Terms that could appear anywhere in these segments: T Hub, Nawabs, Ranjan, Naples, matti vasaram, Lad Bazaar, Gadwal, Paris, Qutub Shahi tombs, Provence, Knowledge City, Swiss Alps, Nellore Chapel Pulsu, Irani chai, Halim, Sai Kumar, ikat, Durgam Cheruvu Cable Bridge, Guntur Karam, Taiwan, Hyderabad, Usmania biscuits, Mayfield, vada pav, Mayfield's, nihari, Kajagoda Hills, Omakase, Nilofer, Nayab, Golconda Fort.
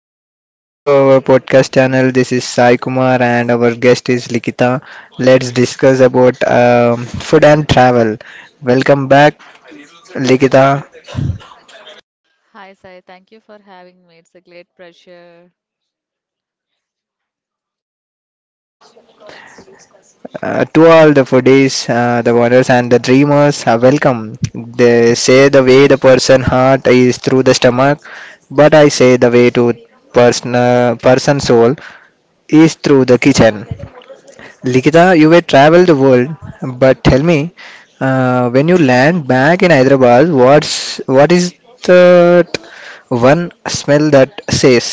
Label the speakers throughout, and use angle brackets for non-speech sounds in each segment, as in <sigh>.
Speaker 1: Welcome back to our podcast channel. This is Sai Kumar and our guest is Likita. Let's discuss about food and travel. Welcome back, Likita.
Speaker 2: Hi, Sai. Thank you for having me. It's a great pleasure.
Speaker 1: To all the foodies, the wonders and the dreamers, welcome. They say the way the person heart is through the stomach, but I say the way to person soul is through the kitchen. Likita, you will travel the world, but tell me, when you land back in Hyderabad, what's what is that one smell that says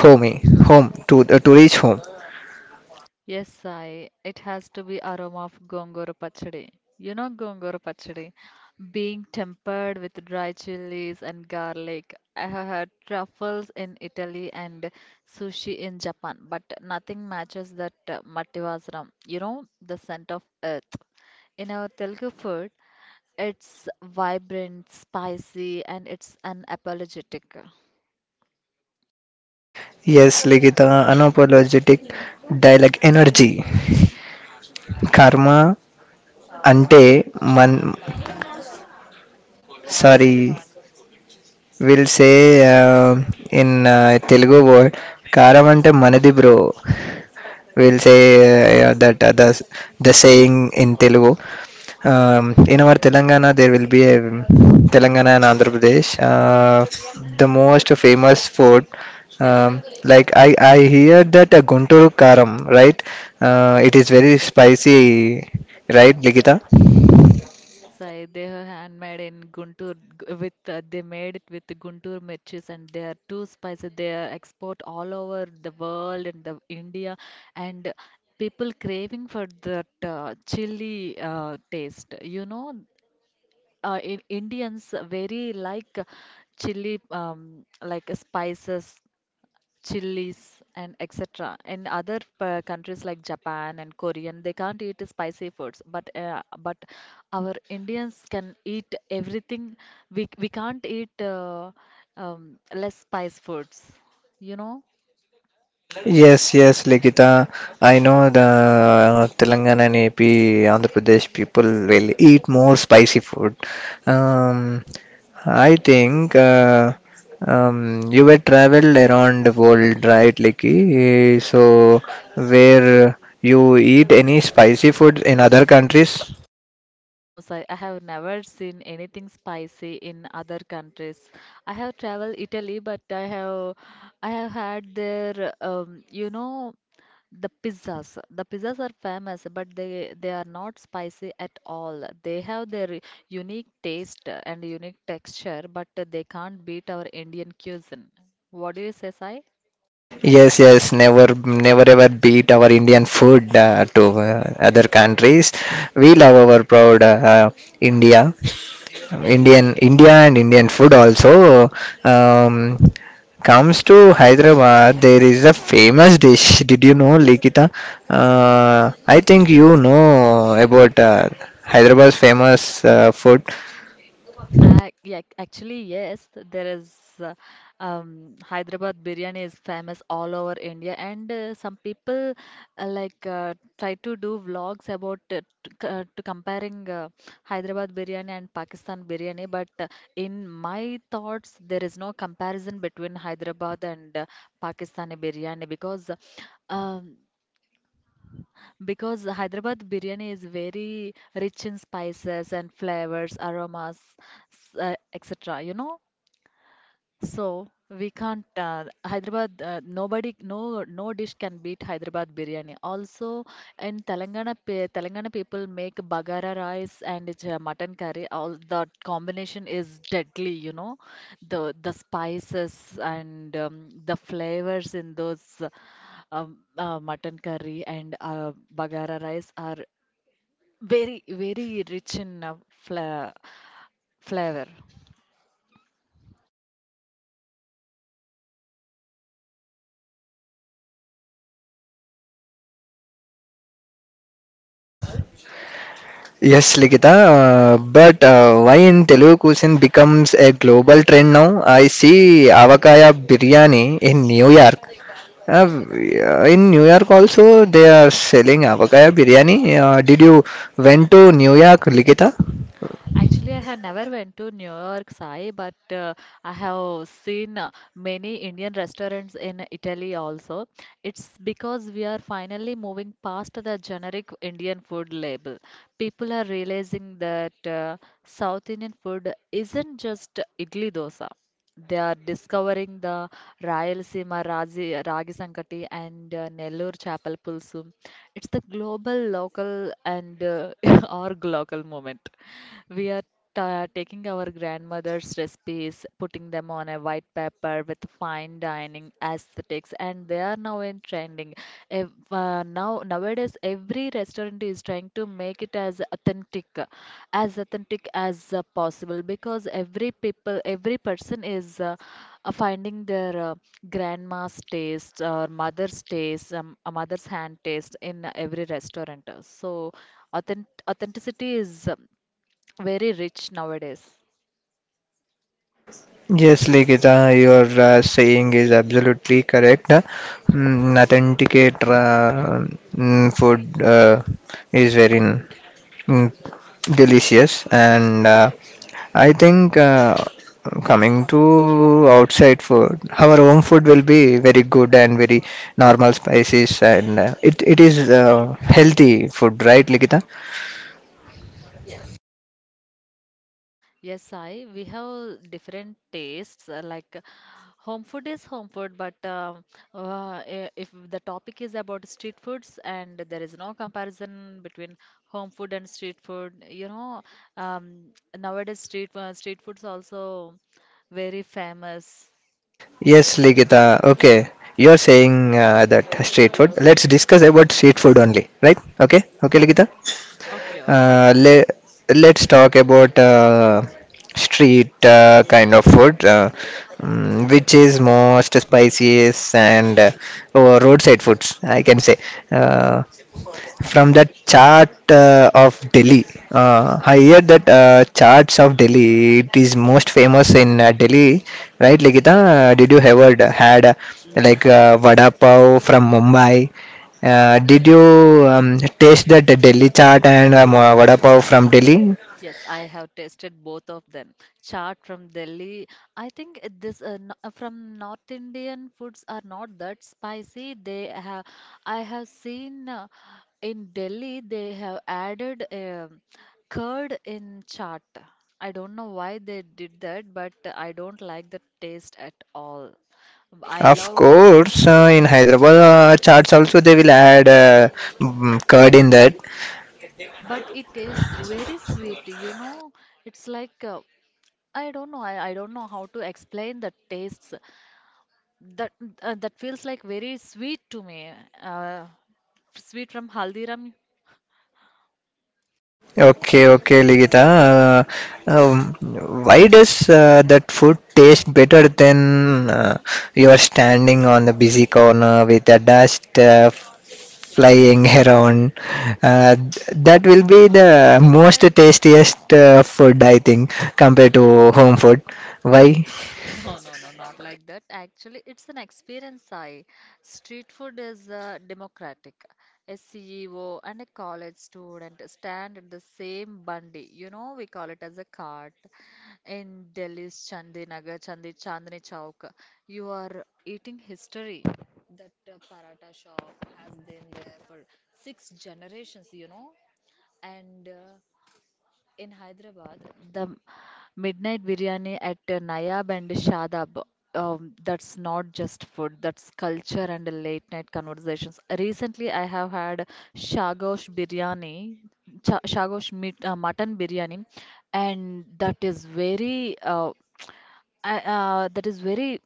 Speaker 1: homey, home to reach home?
Speaker 2: Yes, Sai. It has to be aroma of gongora pachadi. You know gongora pachadi? Being tempered with dry chilies and garlic. I have had truffles in Italy and sushi in Japan, but nothing matches that matti vasaram. You know, the scent of earth. In our Telugu food, it's vibrant, spicy, and it's unapologetic.
Speaker 1: Yes, Likita, unapologetic dialogue energy. Karma అంటే మన్ sorry will say in Telugu word కారం అంటే మనది bro. We'll say yeah, that the saying in Telugu. In our Telangana, there will be a Telangana and Andhra Pradesh. The most famous food, like I hear that a Guntur Karam, right? It is very spicy, right, Ligita?
Speaker 2: Yes, I they are handmade in Guntur g- with they made it with Guntur mirchis and they are too spicy. They are export all over the world and the India and people craving for that chili taste. You know, in Indians very like chili like spices chilies and etc. In other countries like Japan and Korean, they can't eat spicy foods, but our Indians can eat everything. We can't eat less spice foods, you know.
Speaker 1: Yes, yes, Likita. I know the Telangana and AP, Andhra Pradesh people will eat more spicy food. Um, I think you were traveled around the world, right, Liki? So, where you eat any spicy food in other countries?
Speaker 2: No, sir, I have never seen anything spicy in other countries. I have traveled Italy, but I have had their um, The pizzas. The pizzas are famous, but they are not spicy at all. They have their unique taste and unique texture, but they can't beat our Indian cuisine. What do you say, Sai?
Speaker 1: Yes, yes, never, never ever beat our Indian food to other countries. We love our proud India. Indian India and Indian food also um, comes to Hyderabad. There is a famous dish. Did you know, Likita? I think you know about Hyderabad's famous food.
Speaker 2: Actually, yes there is Hyderabad biryani is famous all over India and some people try to do vlogs about to comparing Hyderabad biryani and Pakistan biryani but in my thoughts there is no comparison between Hyderabad and Pakistani biryani um, because Hyderabad biryani is very rich in spices and flavors, aromas, etc. You know, so we can't Hyderabad. Nobody, no, no dish can beat Hyderabad biryani. Also, in Telangana, Telangana people make bagara rice and it's mutton curry. All that combination is deadly. You know, the spices and the flavors in those mutton curry and bagara rice are very very rich in flavor.
Speaker 1: Yes, Likita. But Why in Telugu cuisine becomes a global trend now? I see avakaya biryani in New York. In New York also they are selling Avakaya biryani. Did you went to New York, Likita?
Speaker 2: Actually, I have never went to New York, Sai, but I have seen many Indian restaurants in Italy also. It's because we are finally moving past the generic Indian food label. People are realizing that South Indian food isn't just idli dosa. They are discovering the Rayalaseema Razi, Ragi Sankati and Nellore Chapel Pulsu. It's the global, local, and <laughs> or global moment. We are ta taking our grandmother's recipes, putting them on a white paper with fine dining aesthetics, and they are now in trending. Ev now nowadays, every restaurant is trying to make it as authentic, as authentic as possible, because every people, every person is finding their grandma's taste or mother's taste, a mother's hand taste in every restaurant. So authenticity is very rich nowadays.
Speaker 1: Yes, Likita, your saying is absolutely correct. Authenticate food is very Mm, delicious and I think coming to outside food our home food will be very good and very normal spices and it is healthy food, right Ligita?
Speaker 2: Yes, I. We have different tastes. Like home food is home food, but if the topic is about street foods, and there is no comparison between home food and street food. You know, um, nowadays street foods also very famous.
Speaker 1: Yes Ligita. Okay, you're saying that street food, let's discuss about street food only, right? Okay, okay Ligita.
Speaker 2: Okay, okay,
Speaker 1: Uh,
Speaker 2: Sai.
Speaker 1: le- let's talk about street kind of food, which is most spiciest, and or roadside foods, I can say. Uh, from the chart of Delhi, I hear that charts of Delhi it is most famous in Delhi, right, Ligita? Did you ever had
Speaker 2: Yes.
Speaker 1: vada pav from Mumbai? Did you taste that Delhi chaat and vada pav from Delhi?
Speaker 2: Yes, I have tasted both of them. Chaat from Delhi. I think it- this no- from North Indian foods are not that spicy. They have, I have seen in Delhi they have added curd in chaat. I don't know why they did that, but I don't like the taste at all. I
Speaker 1: Of
Speaker 2: love,
Speaker 1: course, in Hyderabad charts also they will add curd in that.
Speaker 2: but it tastes very sweet. You know, it's like I don't know. I don't know how to explain the tastes. That that feels like very sweet to me. Uh, sweet from Haldiram.
Speaker 1: Okay, okay, Ligita. Um, why does that food taste better than you are standing on the busy corner with the dust flying around. Uh, that will be the
Speaker 2: What
Speaker 1: most
Speaker 2: I
Speaker 1: tastiest food, I think, compared to home food. Why?
Speaker 2: No, no, no, not like that. Actually, it's an experience. I Street food is democratic. A CEO and a college student stand at the same bundi. You know, we call it as a cart. In Delhi's Chandinagar, Chandi Chandni Chowk, you are eating history. That paratha shop has been there for six generations. You know, and in Hyderabad, the midnight biryani at Nayab and Shadab, that's not just food, that's culture and late night conversations. Recently, I have had Shagosh biryani, cha Shagosh meat, mutton biryani, and that is very — that is very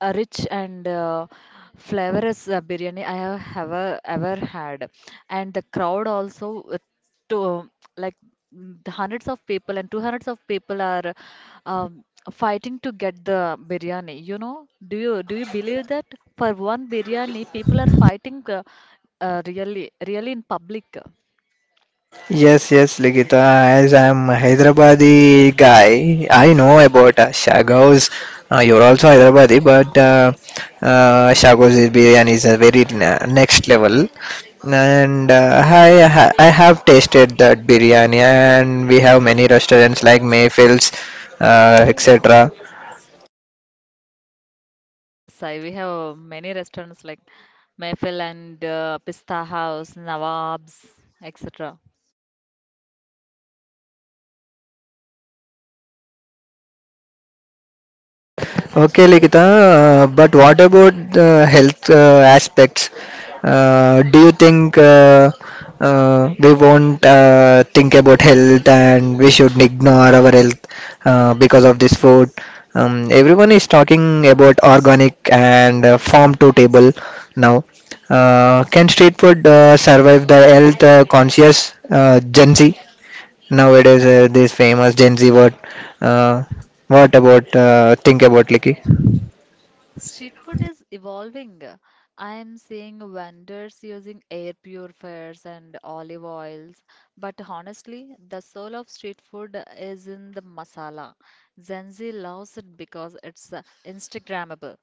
Speaker 2: a rich and flavorous biryani I have ever ever had, and the crowd also to like the hundreds of people and two hundreds of people are um, fighting to get the biryani. You know, do you believe that for one biryani people are fighting really really in public?
Speaker 1: Yes, yes, Ligita. As I'm a Hyderabadi guy, I know about Shagos. You're also Hyderabadi, but Shagos biryani is a very next level. And I I have tasted that biryani, and we have many restaurants like Mayfield's, etc.
Speaker 2: Yes, I we have many restaurants like Mayfield and Pista House, Nawabs, etc.
Speaker 1: Okay, Likita, but what about the health aspects? Do you think we won't think about health and we should ignore our health because of this food? Everyone is talking about organic and farm to table now. Can street food survive the health conscious Gen Z? Nowadays, this famous Gen Z word. Uh, what about think about Liki?
Speaker 2: Street food is evolving. I am seeing vendors using air purifiers and olive oils, but honestly, the soul of street food is in the masala. Gen Z loves it because it's Instagrammable.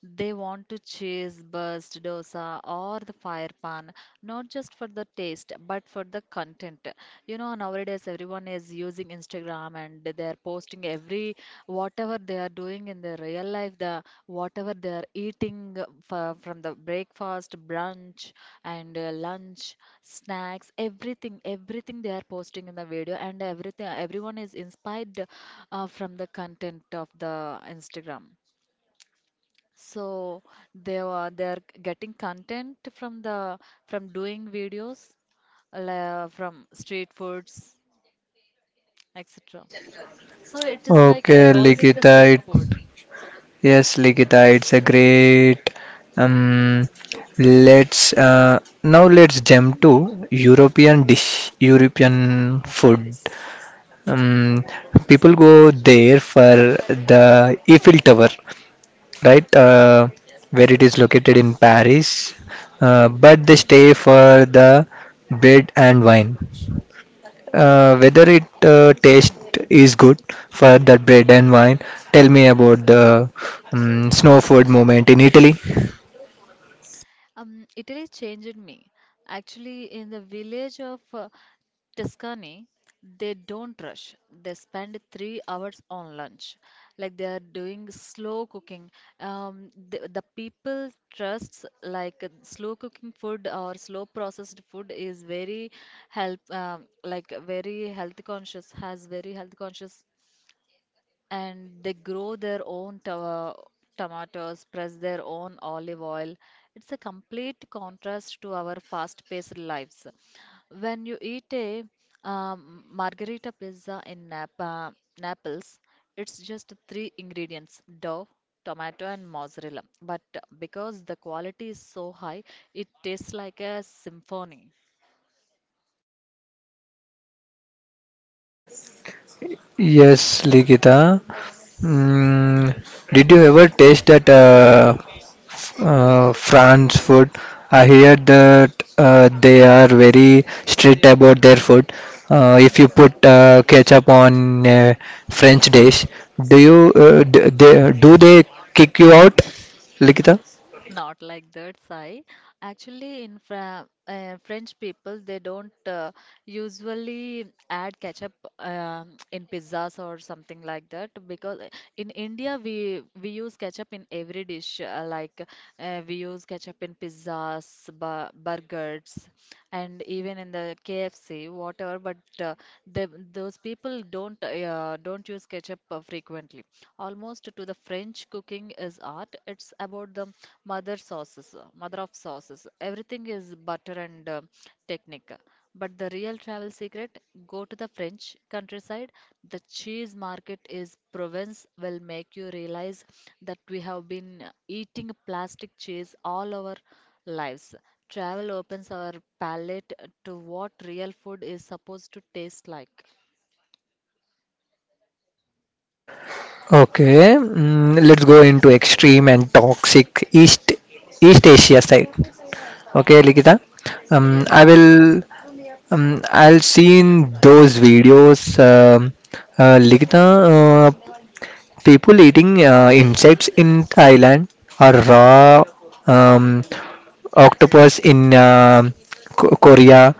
Speaker 2: They want to cheese, burst, dosa, or the fire pan, not just for the taste, but for the content. You know, nowadays everyone is using Instagram and they are posting every whatever they are doing in their real life, the whatever they are eating for, from the breakfast, brunch, and lunch, snacks, everything, everything they are posting in the video, and everything, everyone is inspired from the content of the Instagram. So they are getting content from the from doing videos from street foods, etc. So it is like
Speaker 1: Okay,
Speaker 2: evolving the street
Speaker 1: Likita. It,
Speaker 2: food.
Speaker 1: yes, Likita, it's a great. Um, let's now let's jump to European dish, European food. Um, people go there for the Eiffel Tower, right? Where it is located in Paris, but they stay for the bread and wine, whether it taste is good for that bread and wine. Tell me about the snow food movement in Italy.
Speaker 2: Italy changed me. Actually, in the village of Tuscany, they don't rush. They spend 3 hours on lunch. Like they are doing slow cooking. The people trusts like slow cooking food or slow processed food is very help like very health conscious, has very health conscious and they grow their own tomatoes, press their own olive oil. It's a complete contrast to our fast paced lives. When you eat a margherita pizza in Napa, Naples, it's just three ingredients dough, tomato, and mozzarella. But because the quality is so high, it tastes like a symphony.
Speaker 1: Yes, Ligita. Mm, did you ever taste that France food? I hear that they are very strict about their food. If you put ketchup on French dish, do they kick you out, Likita?
Speaker 2: <laughs> Not like that, Sai. Actually, in Fra French people, they don't usually add ketchup in pizzas or something like that because in India, we use ketchup in every dish, like we use ketchup in pizzas, bu burgers, and even in the KFC, whatever. But the, those people don't don't use ketchup frequently. Almost to the French cooking is art. It's about the mother sauces, mother of sauces. Everything is butter and technique. But the real travel secret go to the French countryside. The cheese market is Provence will make you realize that we have been eating plastic cheese all our lives. Travel opens our palate to what real food is supposed to taste like.
Speaker 1: Okay, mm, let's go into extreme and toxic East East Asia side. Okay, Likita, um,
Speaker 2: Yes,
Speaker 1: I
Speaker 2: I.
Speaker 1: will I'll see in those videos, Likita, uh, people eating insects in Thailand or raw um, octopus in Korea.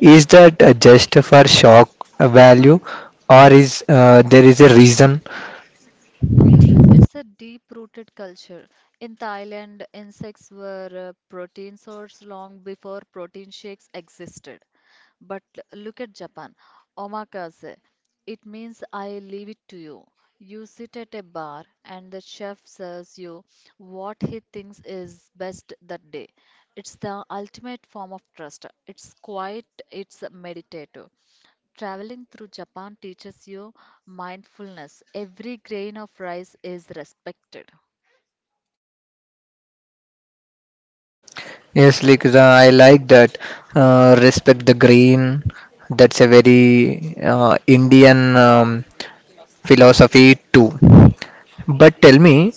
Speaker 1: Is that just for shock value, or is there is a reason?
Speaker 2: It's a deep-rooted culture. In Thailand, insects were a protein source long before protein shakes existed. But look at Japan. Omakase. It means I leave it to you. You sit at a bar and the chef serves you what he thinks is best that day. It's the ultimate form of trust. It's quiet, it's meditative. Traveling through Japan teaches you mindfulness. Every grain of rice is respected.
Speaker 1: Yes, Likita, I like that. Respect the green. That's a very Indian philosophy too. But tell me,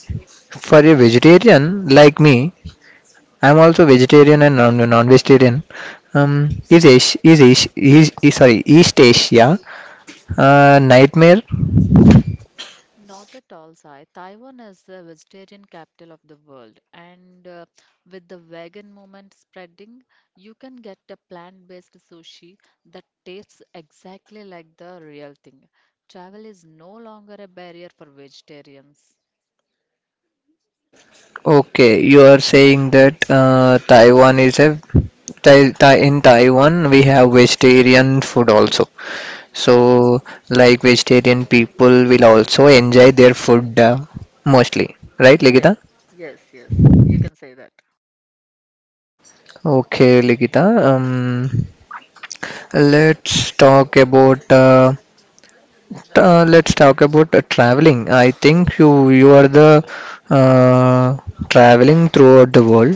Speaker 1: for a vegetarian like me, I'm also vegetarian and non-vegetarian. Is sorry, East Asia nightmare?
Speaker 2: Not at all, Sai. Taiwan is the vegetarian capital of the world, and with the vegan movement spreading, you can get a plant-based sushi that tastes exactly like the real thing. Travel is no longer a barrier for vegetarians.
Speaker 1: Okay, you are saying that Taiwan is a Tai, Tai, in Taiwan we have vegetarian food also. So, like vegetarian people will also enjoy their food mostly, right,
Speaker 2: Yeah,
Speaker 1: Ligita?
Speaker 2: yes, yes, you can say that.
Speaker 1: Okay, Ligita. Let's talk about uh, let's talk about traveling. I think you are the uh, traveling throughout the world.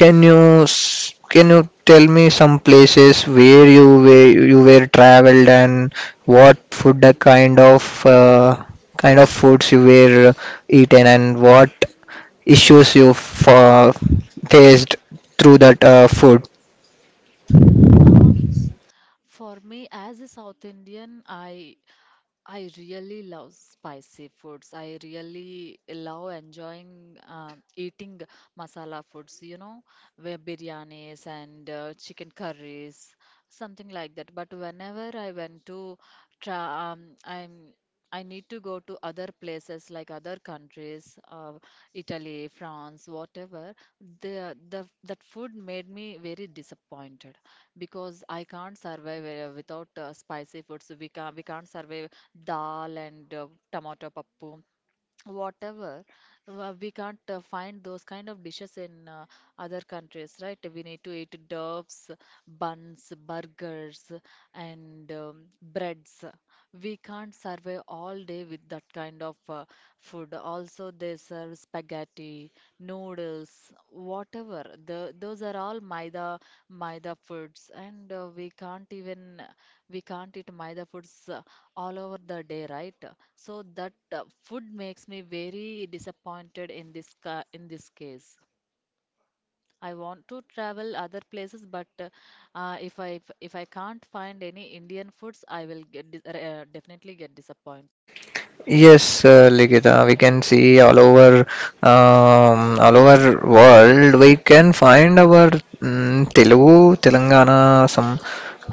Speaker 1: Can you tell me some places where you were traveled and what food the kind of foods you were eaten and what issues you faced through that food?
Speaker 2: Um, for me, as a South Indian, I really love spicy foods. I really love enjoying eating masala foods, you know, where biryanis and chicken curries, something like that. But whenever I went to try, I need to go to other places like other countries, Italy, France, whatever. The that food made me very disappointed because I can't survive without spicy foods. We can't survive dal and tomato pappu whatever we can't find those kind of dishes in other countries, right? We need to eat doves, buns, burgers, and breads. We can't survive all day with that kind of food. Also they serve spaghetti, noodles, whatever, those are all maida foods and we can't even we can't eat maida foods all over the day, right? So that food makes me very disappointed in this ca in this case. I want to travel other places, but if I if I can't find any Indian foods, I will get dis definitely get disappointed.
Speaker 1: Yes, Likita, we can see all over world. We can find our Telugu, Telangana, some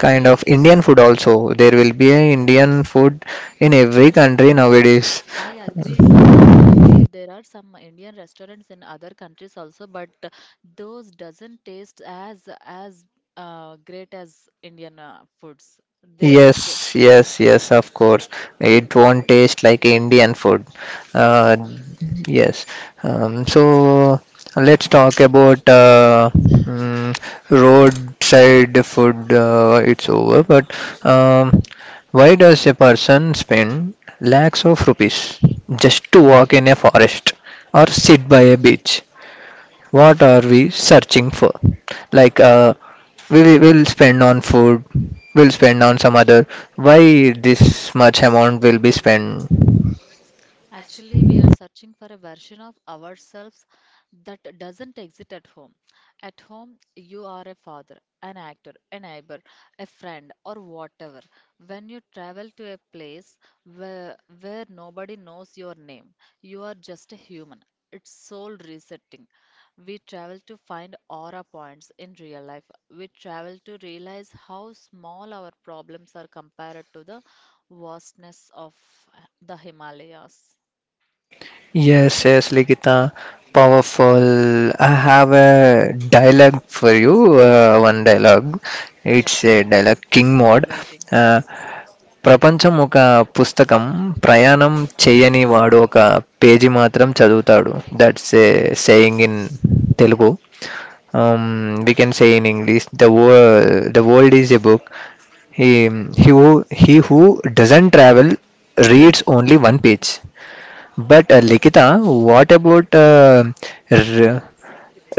Speaker 1: kind of Indian food also. There will be a Indian food in every country nowadays.
Speaker 2: I agree, Sai. I agree. There are some Indian restaurants in other countries also, but those doesn't taste as great as Indian foods. They, they,
Speaker 1: Yes, yes, yes, of course. It won't taste like Indian food. Uh,
Speaker 2: yes.
Speaker 1: yes. So let's talk about roadside food. It's over, but um, why does a person spend lakhs of rupees just to walk in a forest or sit by a beach? What are we searching for? Like we'll spend on food, we'll spend on some other. Why this much amount will be spent?
Speaker 2: Actually, we are searching for a version of ourselves that doesn't exist at home. At home, you are a father, an actor, a neighbor, a friend, or whatever. When you travel to a place where, where nobody knows your name, you are just a human. It's soul resetting. We travel to find aura points in real life. We travel to realize how small our problems are compared to the vastness of the Himalayas.
Speaker 1: Yes, yes, Likita, powerful. I have a dialogue for you. One dialogue. It's a dialogue king
Speaker 2: I'm
Speaker 1: mode.
Speaker 2: waiting.
Speaker 1: Uh, प्रापंचमों का पुस्तकम प्रायानम छेयनीवाडों का पेजी मात्रम चादुताडो। That's a saying in Telugu. We can say in English, the world is a book. He who doesn't travel reads only one page. But लेकिन आ, what about r-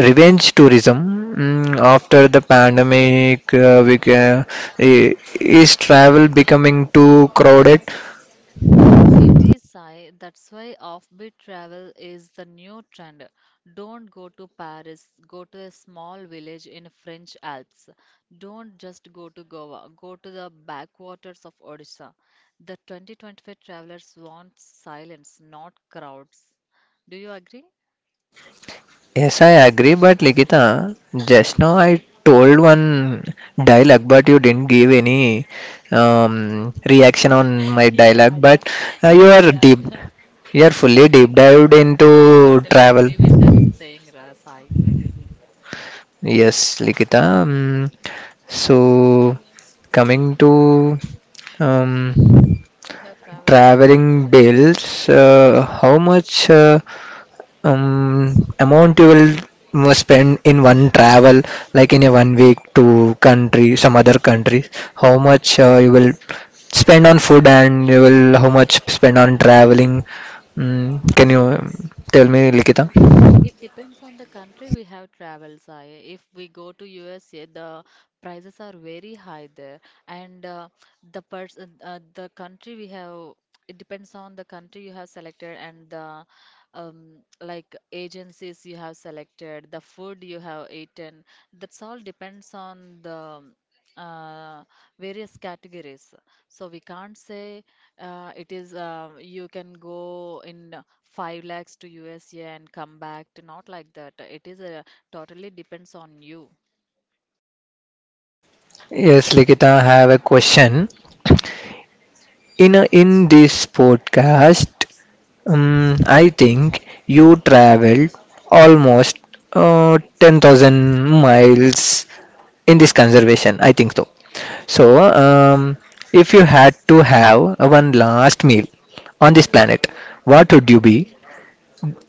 Speaker 1: revenge tourism, after the pandemic is travel becoming too crowded?
Speaker 2: It is Sai, that's why offbeat travel is the new trend. Don't go to Paris, go to a small village in French Alps. Don't just go to Goa, go to the backwaters of Odisha. The 2025 travelers want silence, not crowds. Do you agree?
Speaker 1: Yes, I agree, but Likita, just now I told one dialogue, but you didn't give any reaction on my
Speaker 2: <laughs> Yeah,
Speaker 1: dialogue,
Speaker 2: yeah,
Speaker 1: but
Speaker 2: <laughs>
Speaker 1: you
Speaker 2: yeah,
Speaker 1: are
Speaker 2: yeah.
Speaker 1: deep, you are
Speaker 2: <laughs>
Speaker 1: fully
Speaker 2: That's a
Speaker 1: deep
Speaker 2: great
Speaker 1: dived
Speaker 2: one. I
Speaker 1: into
Speaker 2: totally
Speaker 1: travel.
Speaker 2: agree with that saying, Sai.
Speaker 1: Yes, Likita. So, coming to um,
Speaker 2: Have traveled.
Speaker 1: traveling bills, how much um, amount you will spend in one travel, like in a one week to country, some other country? How much you will spend on food and you will how much spend on traveling? Mm, can you tell me, Likita?
Speaker 2: Mm, It depends on the country we have traveled, Sai. If we go to USA, the prices are very high there, and the country we have, it depends on the country you have selected and the like agencies you have selected, the food you have eaten. That's all depends on the uh, various categories. So we can't say. It is you can go in five lakhs to USA and come back to not like that. It is totally depends on you.
Speaker 1: Yes, Likita, I have a question. In know, in this podcast, I think you traveled almost 10,000 miles in this conservation. I think so. So, if you had to have one last meal on this planet, what would you be?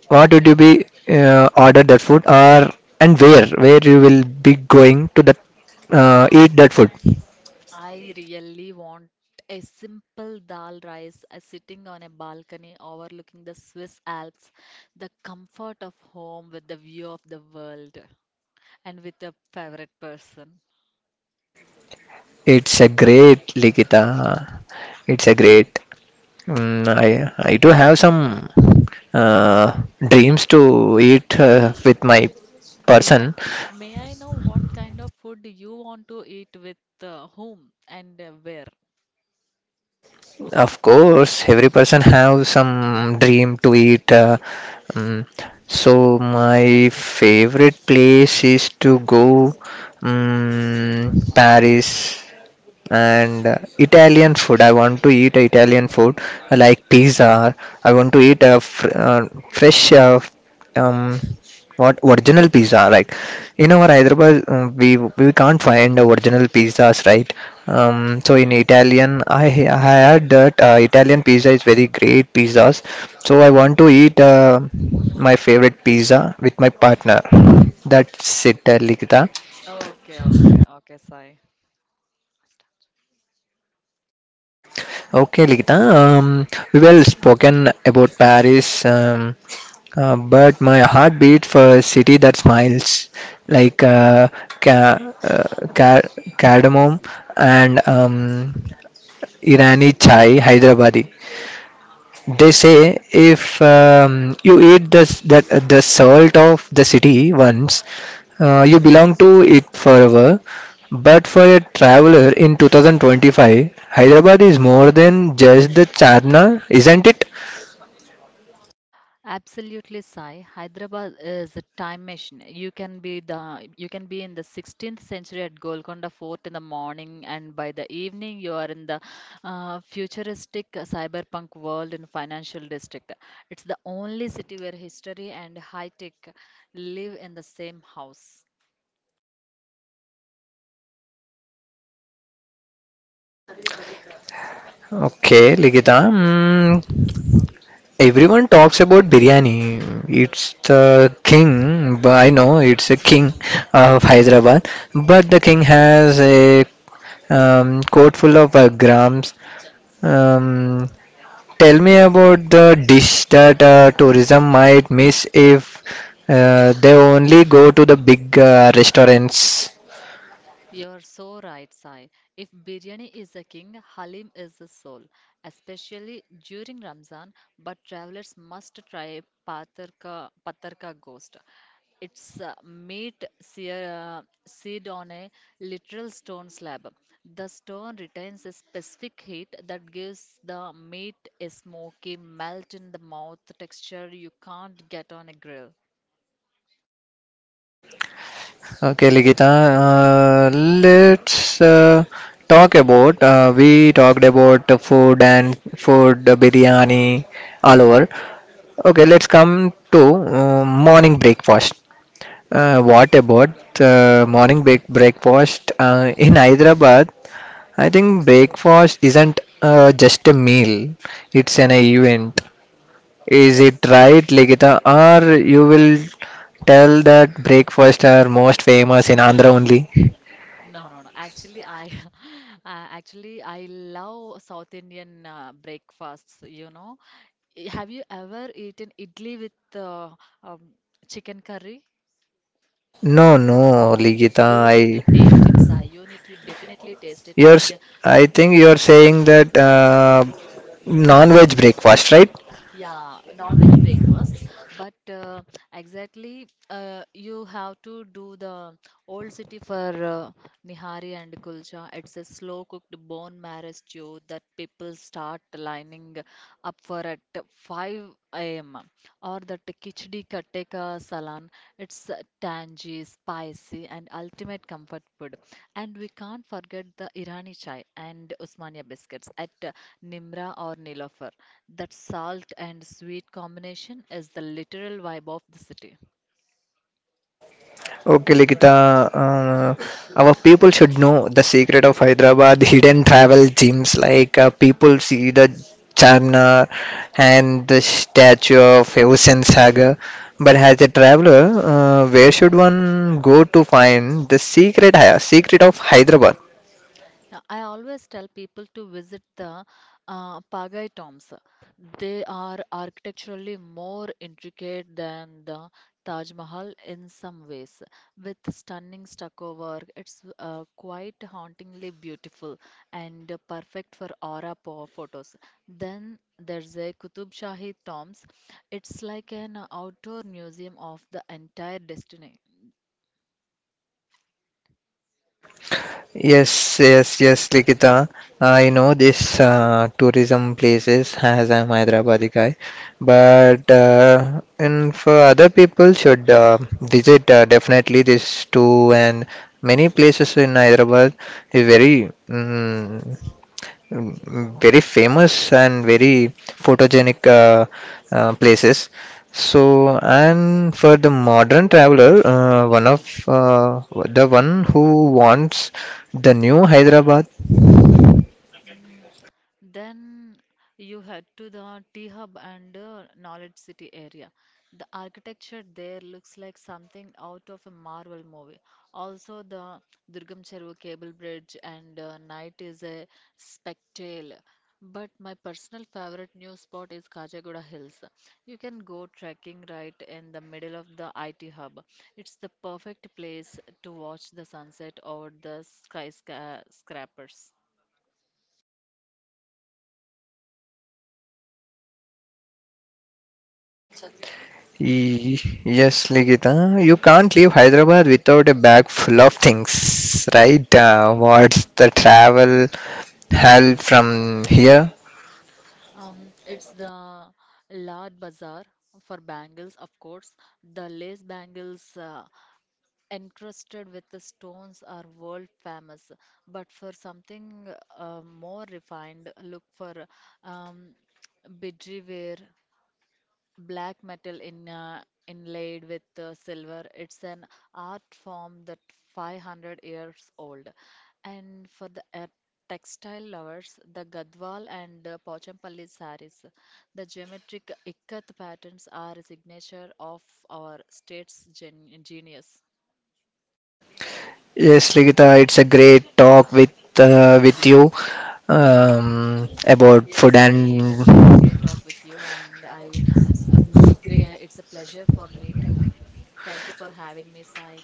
Speaker 1: What would you be order that food, or and where you will be going to that
Speaker 2: I
Speaker 1: eat that food?
Speaker 2: I really want a simple dal rice sitting on a balcony overlooking the Swiss Alps, the comfort of home with the view of the world and with a favorite person.
Speaker 1: It's a great Likita. It's a great. I do have some dreams to eat with my
Speaker 2: May I,
Speaker 1: person.
Speaker 2: may I know what kind of food you want to eat with whom and where?
Speaker 1: Of course, every person have some dream to eat. Mm, so my favorite place is to go Paris and Italian food. I want to eat Italian food like pizza. I want to eat a um, what original pizza. Like in our Hyderabad, we can't find original pizzas, right? So in Italian, I heard that Italian pizza is very great pizzas. So I want to eat my favorite pizza with my partner. That's it, Likita.
Speaker 2: Okay, okay, okay, Sai.
Speaker 1: Okay, Likita. Um, we well spoken about Paris, but my heart beats for a city that smiles, like ca- uh, ca- cardamom and Irani chai, Hyderabadi. They say if you eat this, that the salt of the city once, you belong to it forever. But for a traveler in 2025, Hyderabad is more than just the charna, isn't it?
Speaker 2: Absolutely, Sai. Hyderabad is a time machine. You can be in the 16th century at Golconda Fort in the morning, and by the evening you are in the futuristic cyberpunk world in financial district. It's the only city where history and high tech live in the same house.
Speaker 1: Okay, Ligita. Mm, everyone talks about biryani. It's the king. But I know it's a king of Hyderabad, but the king has a coat full of grams. Um, tell me about the dish that tourism might miss if they only go to the big restaurants.
Speaker 2: You're so right, Sai. If biryani is the king, Halim is the soul, especially during Ramzan. But travelers must try Patarka Ghost. It's seared on a literal stone slab. The stone retains a specific heat that gives the meat a smoky, melt in the mouth texture you can't get on a grill.
Speaker 1: Okay, Ligita, let's talk about. We talked about food and food, biryani, all over. Okay, let's come to morning breakfast. What about morning break breakfast in Hyderabad? I think breakfast isn't just a meal, it's an event. Is
Speaker 2: Yes,
Speaker 1: it right,
Speaker 2: Sai.
Speaker 1: Ligita? Or you
Speaker 2: Yes.
Speaker 1: will tell that breakfast are most famous in Andhra only?
Speaker 2: No, no, no. Actually, I <laughs> actually I love South Indian breakfasts, you know. Have you ever eaten idli with um, chicken curry?
Speaker 1: No, no, Ligita.
Speaker 2: You need to taste it, Sai. You need to definitely taste it.
Speaker 1: You're s-
Speaker 2: And
Speaker 1: I think you're saying that non-veg breakfast, right?
Speaker 2: yeah, non-veg breakfasts, but exactly you have to do the old city for nihari and kulcha. It's a slow-cooked bone marrow stew that people start lining up for at 5 a.m. Or the khichdi katte salan. It's tangy, spicy, and ultimate comfort food. And we can't forget the Irani chai and Usmania biscuits at Nimra or Nilofer. That salt and sweet combination is the literal vibe of the city.
Speaker 1: Okay, Likita, our people should know the secret of Hyderabad <laughs> hidden travel gems. Like people see the Charminar and the statue of Hussein Sagar, but as a traveler, where should one go to find the secret of Hyderabad?
Speaker 2: Yeah, I always tell people to visit the Pagai tombs. They are architecturally more intricate than the Taj Mahal in some ways, with stunning stucco work. It's quite hauntingly beautiful and perfect for photos. Then there's a Qutub Shahi tombs. It's like an outdoor museum of the entire destiny.
Speaker 1: Yes, yes, yes, Likita. I know this tourism places as I'm Hyderabadi guy, but and for other people should visit definitely this too, and many places in Hyderabad is very very famous and very photogenic places. So, and for the modern traveler, one of the one who wants the new Hyderabad.
Speaker 2: Mm, Then you head to the T Hub and Knowledge City area. The architecture there looks like something out of a Marvel movie. Also, the Durgam Cheruvu Cable Bridge and night is a spectacle. But my personal favorite new spot is Kajagoda Hills. You can go trekking right in the middle of the IT hub. It's the perfect place to watch the sunset over the skyscrapers.
Speaker 1: Y- Yes, Ligita, you can't leave Hyderabad without a bag full of things, right? What's the travel hell from here?
Speaker 2: It's the Lad Bazaar for bangles, of course. The lace bangles encrusted with the stones are world famous. But for something more refined, look for um, bidri ware black metal in inlaid with silver. It's an art form that 500 years old. And for the textile lovers, the Gadwal and Pochampalli sarees, the geometric ikat patterns are a signature of our state's genius.
Speaker 1: Yes, Ligita, it's a great talk with you about food
Speaker 2: Yes, I. It is very great
Speaker 1: and.
Speaker 2: talk with you, and I. Great, it's a pleasure for me too. Thank you for having me, Sai.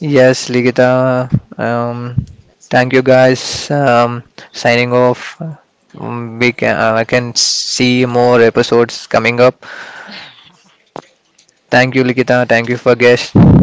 Speaker 1: Yes, Ligita. Um,
Speaker 2: Let's wrap.
Speaker 1: thank you guys.
Speaker 2: Thank.
Speaker 1: Signing off.
Speaker 2: Yeah.
Speaker 1: I can see more episodes coming up. Thank you, Ligita. Thank you for guest.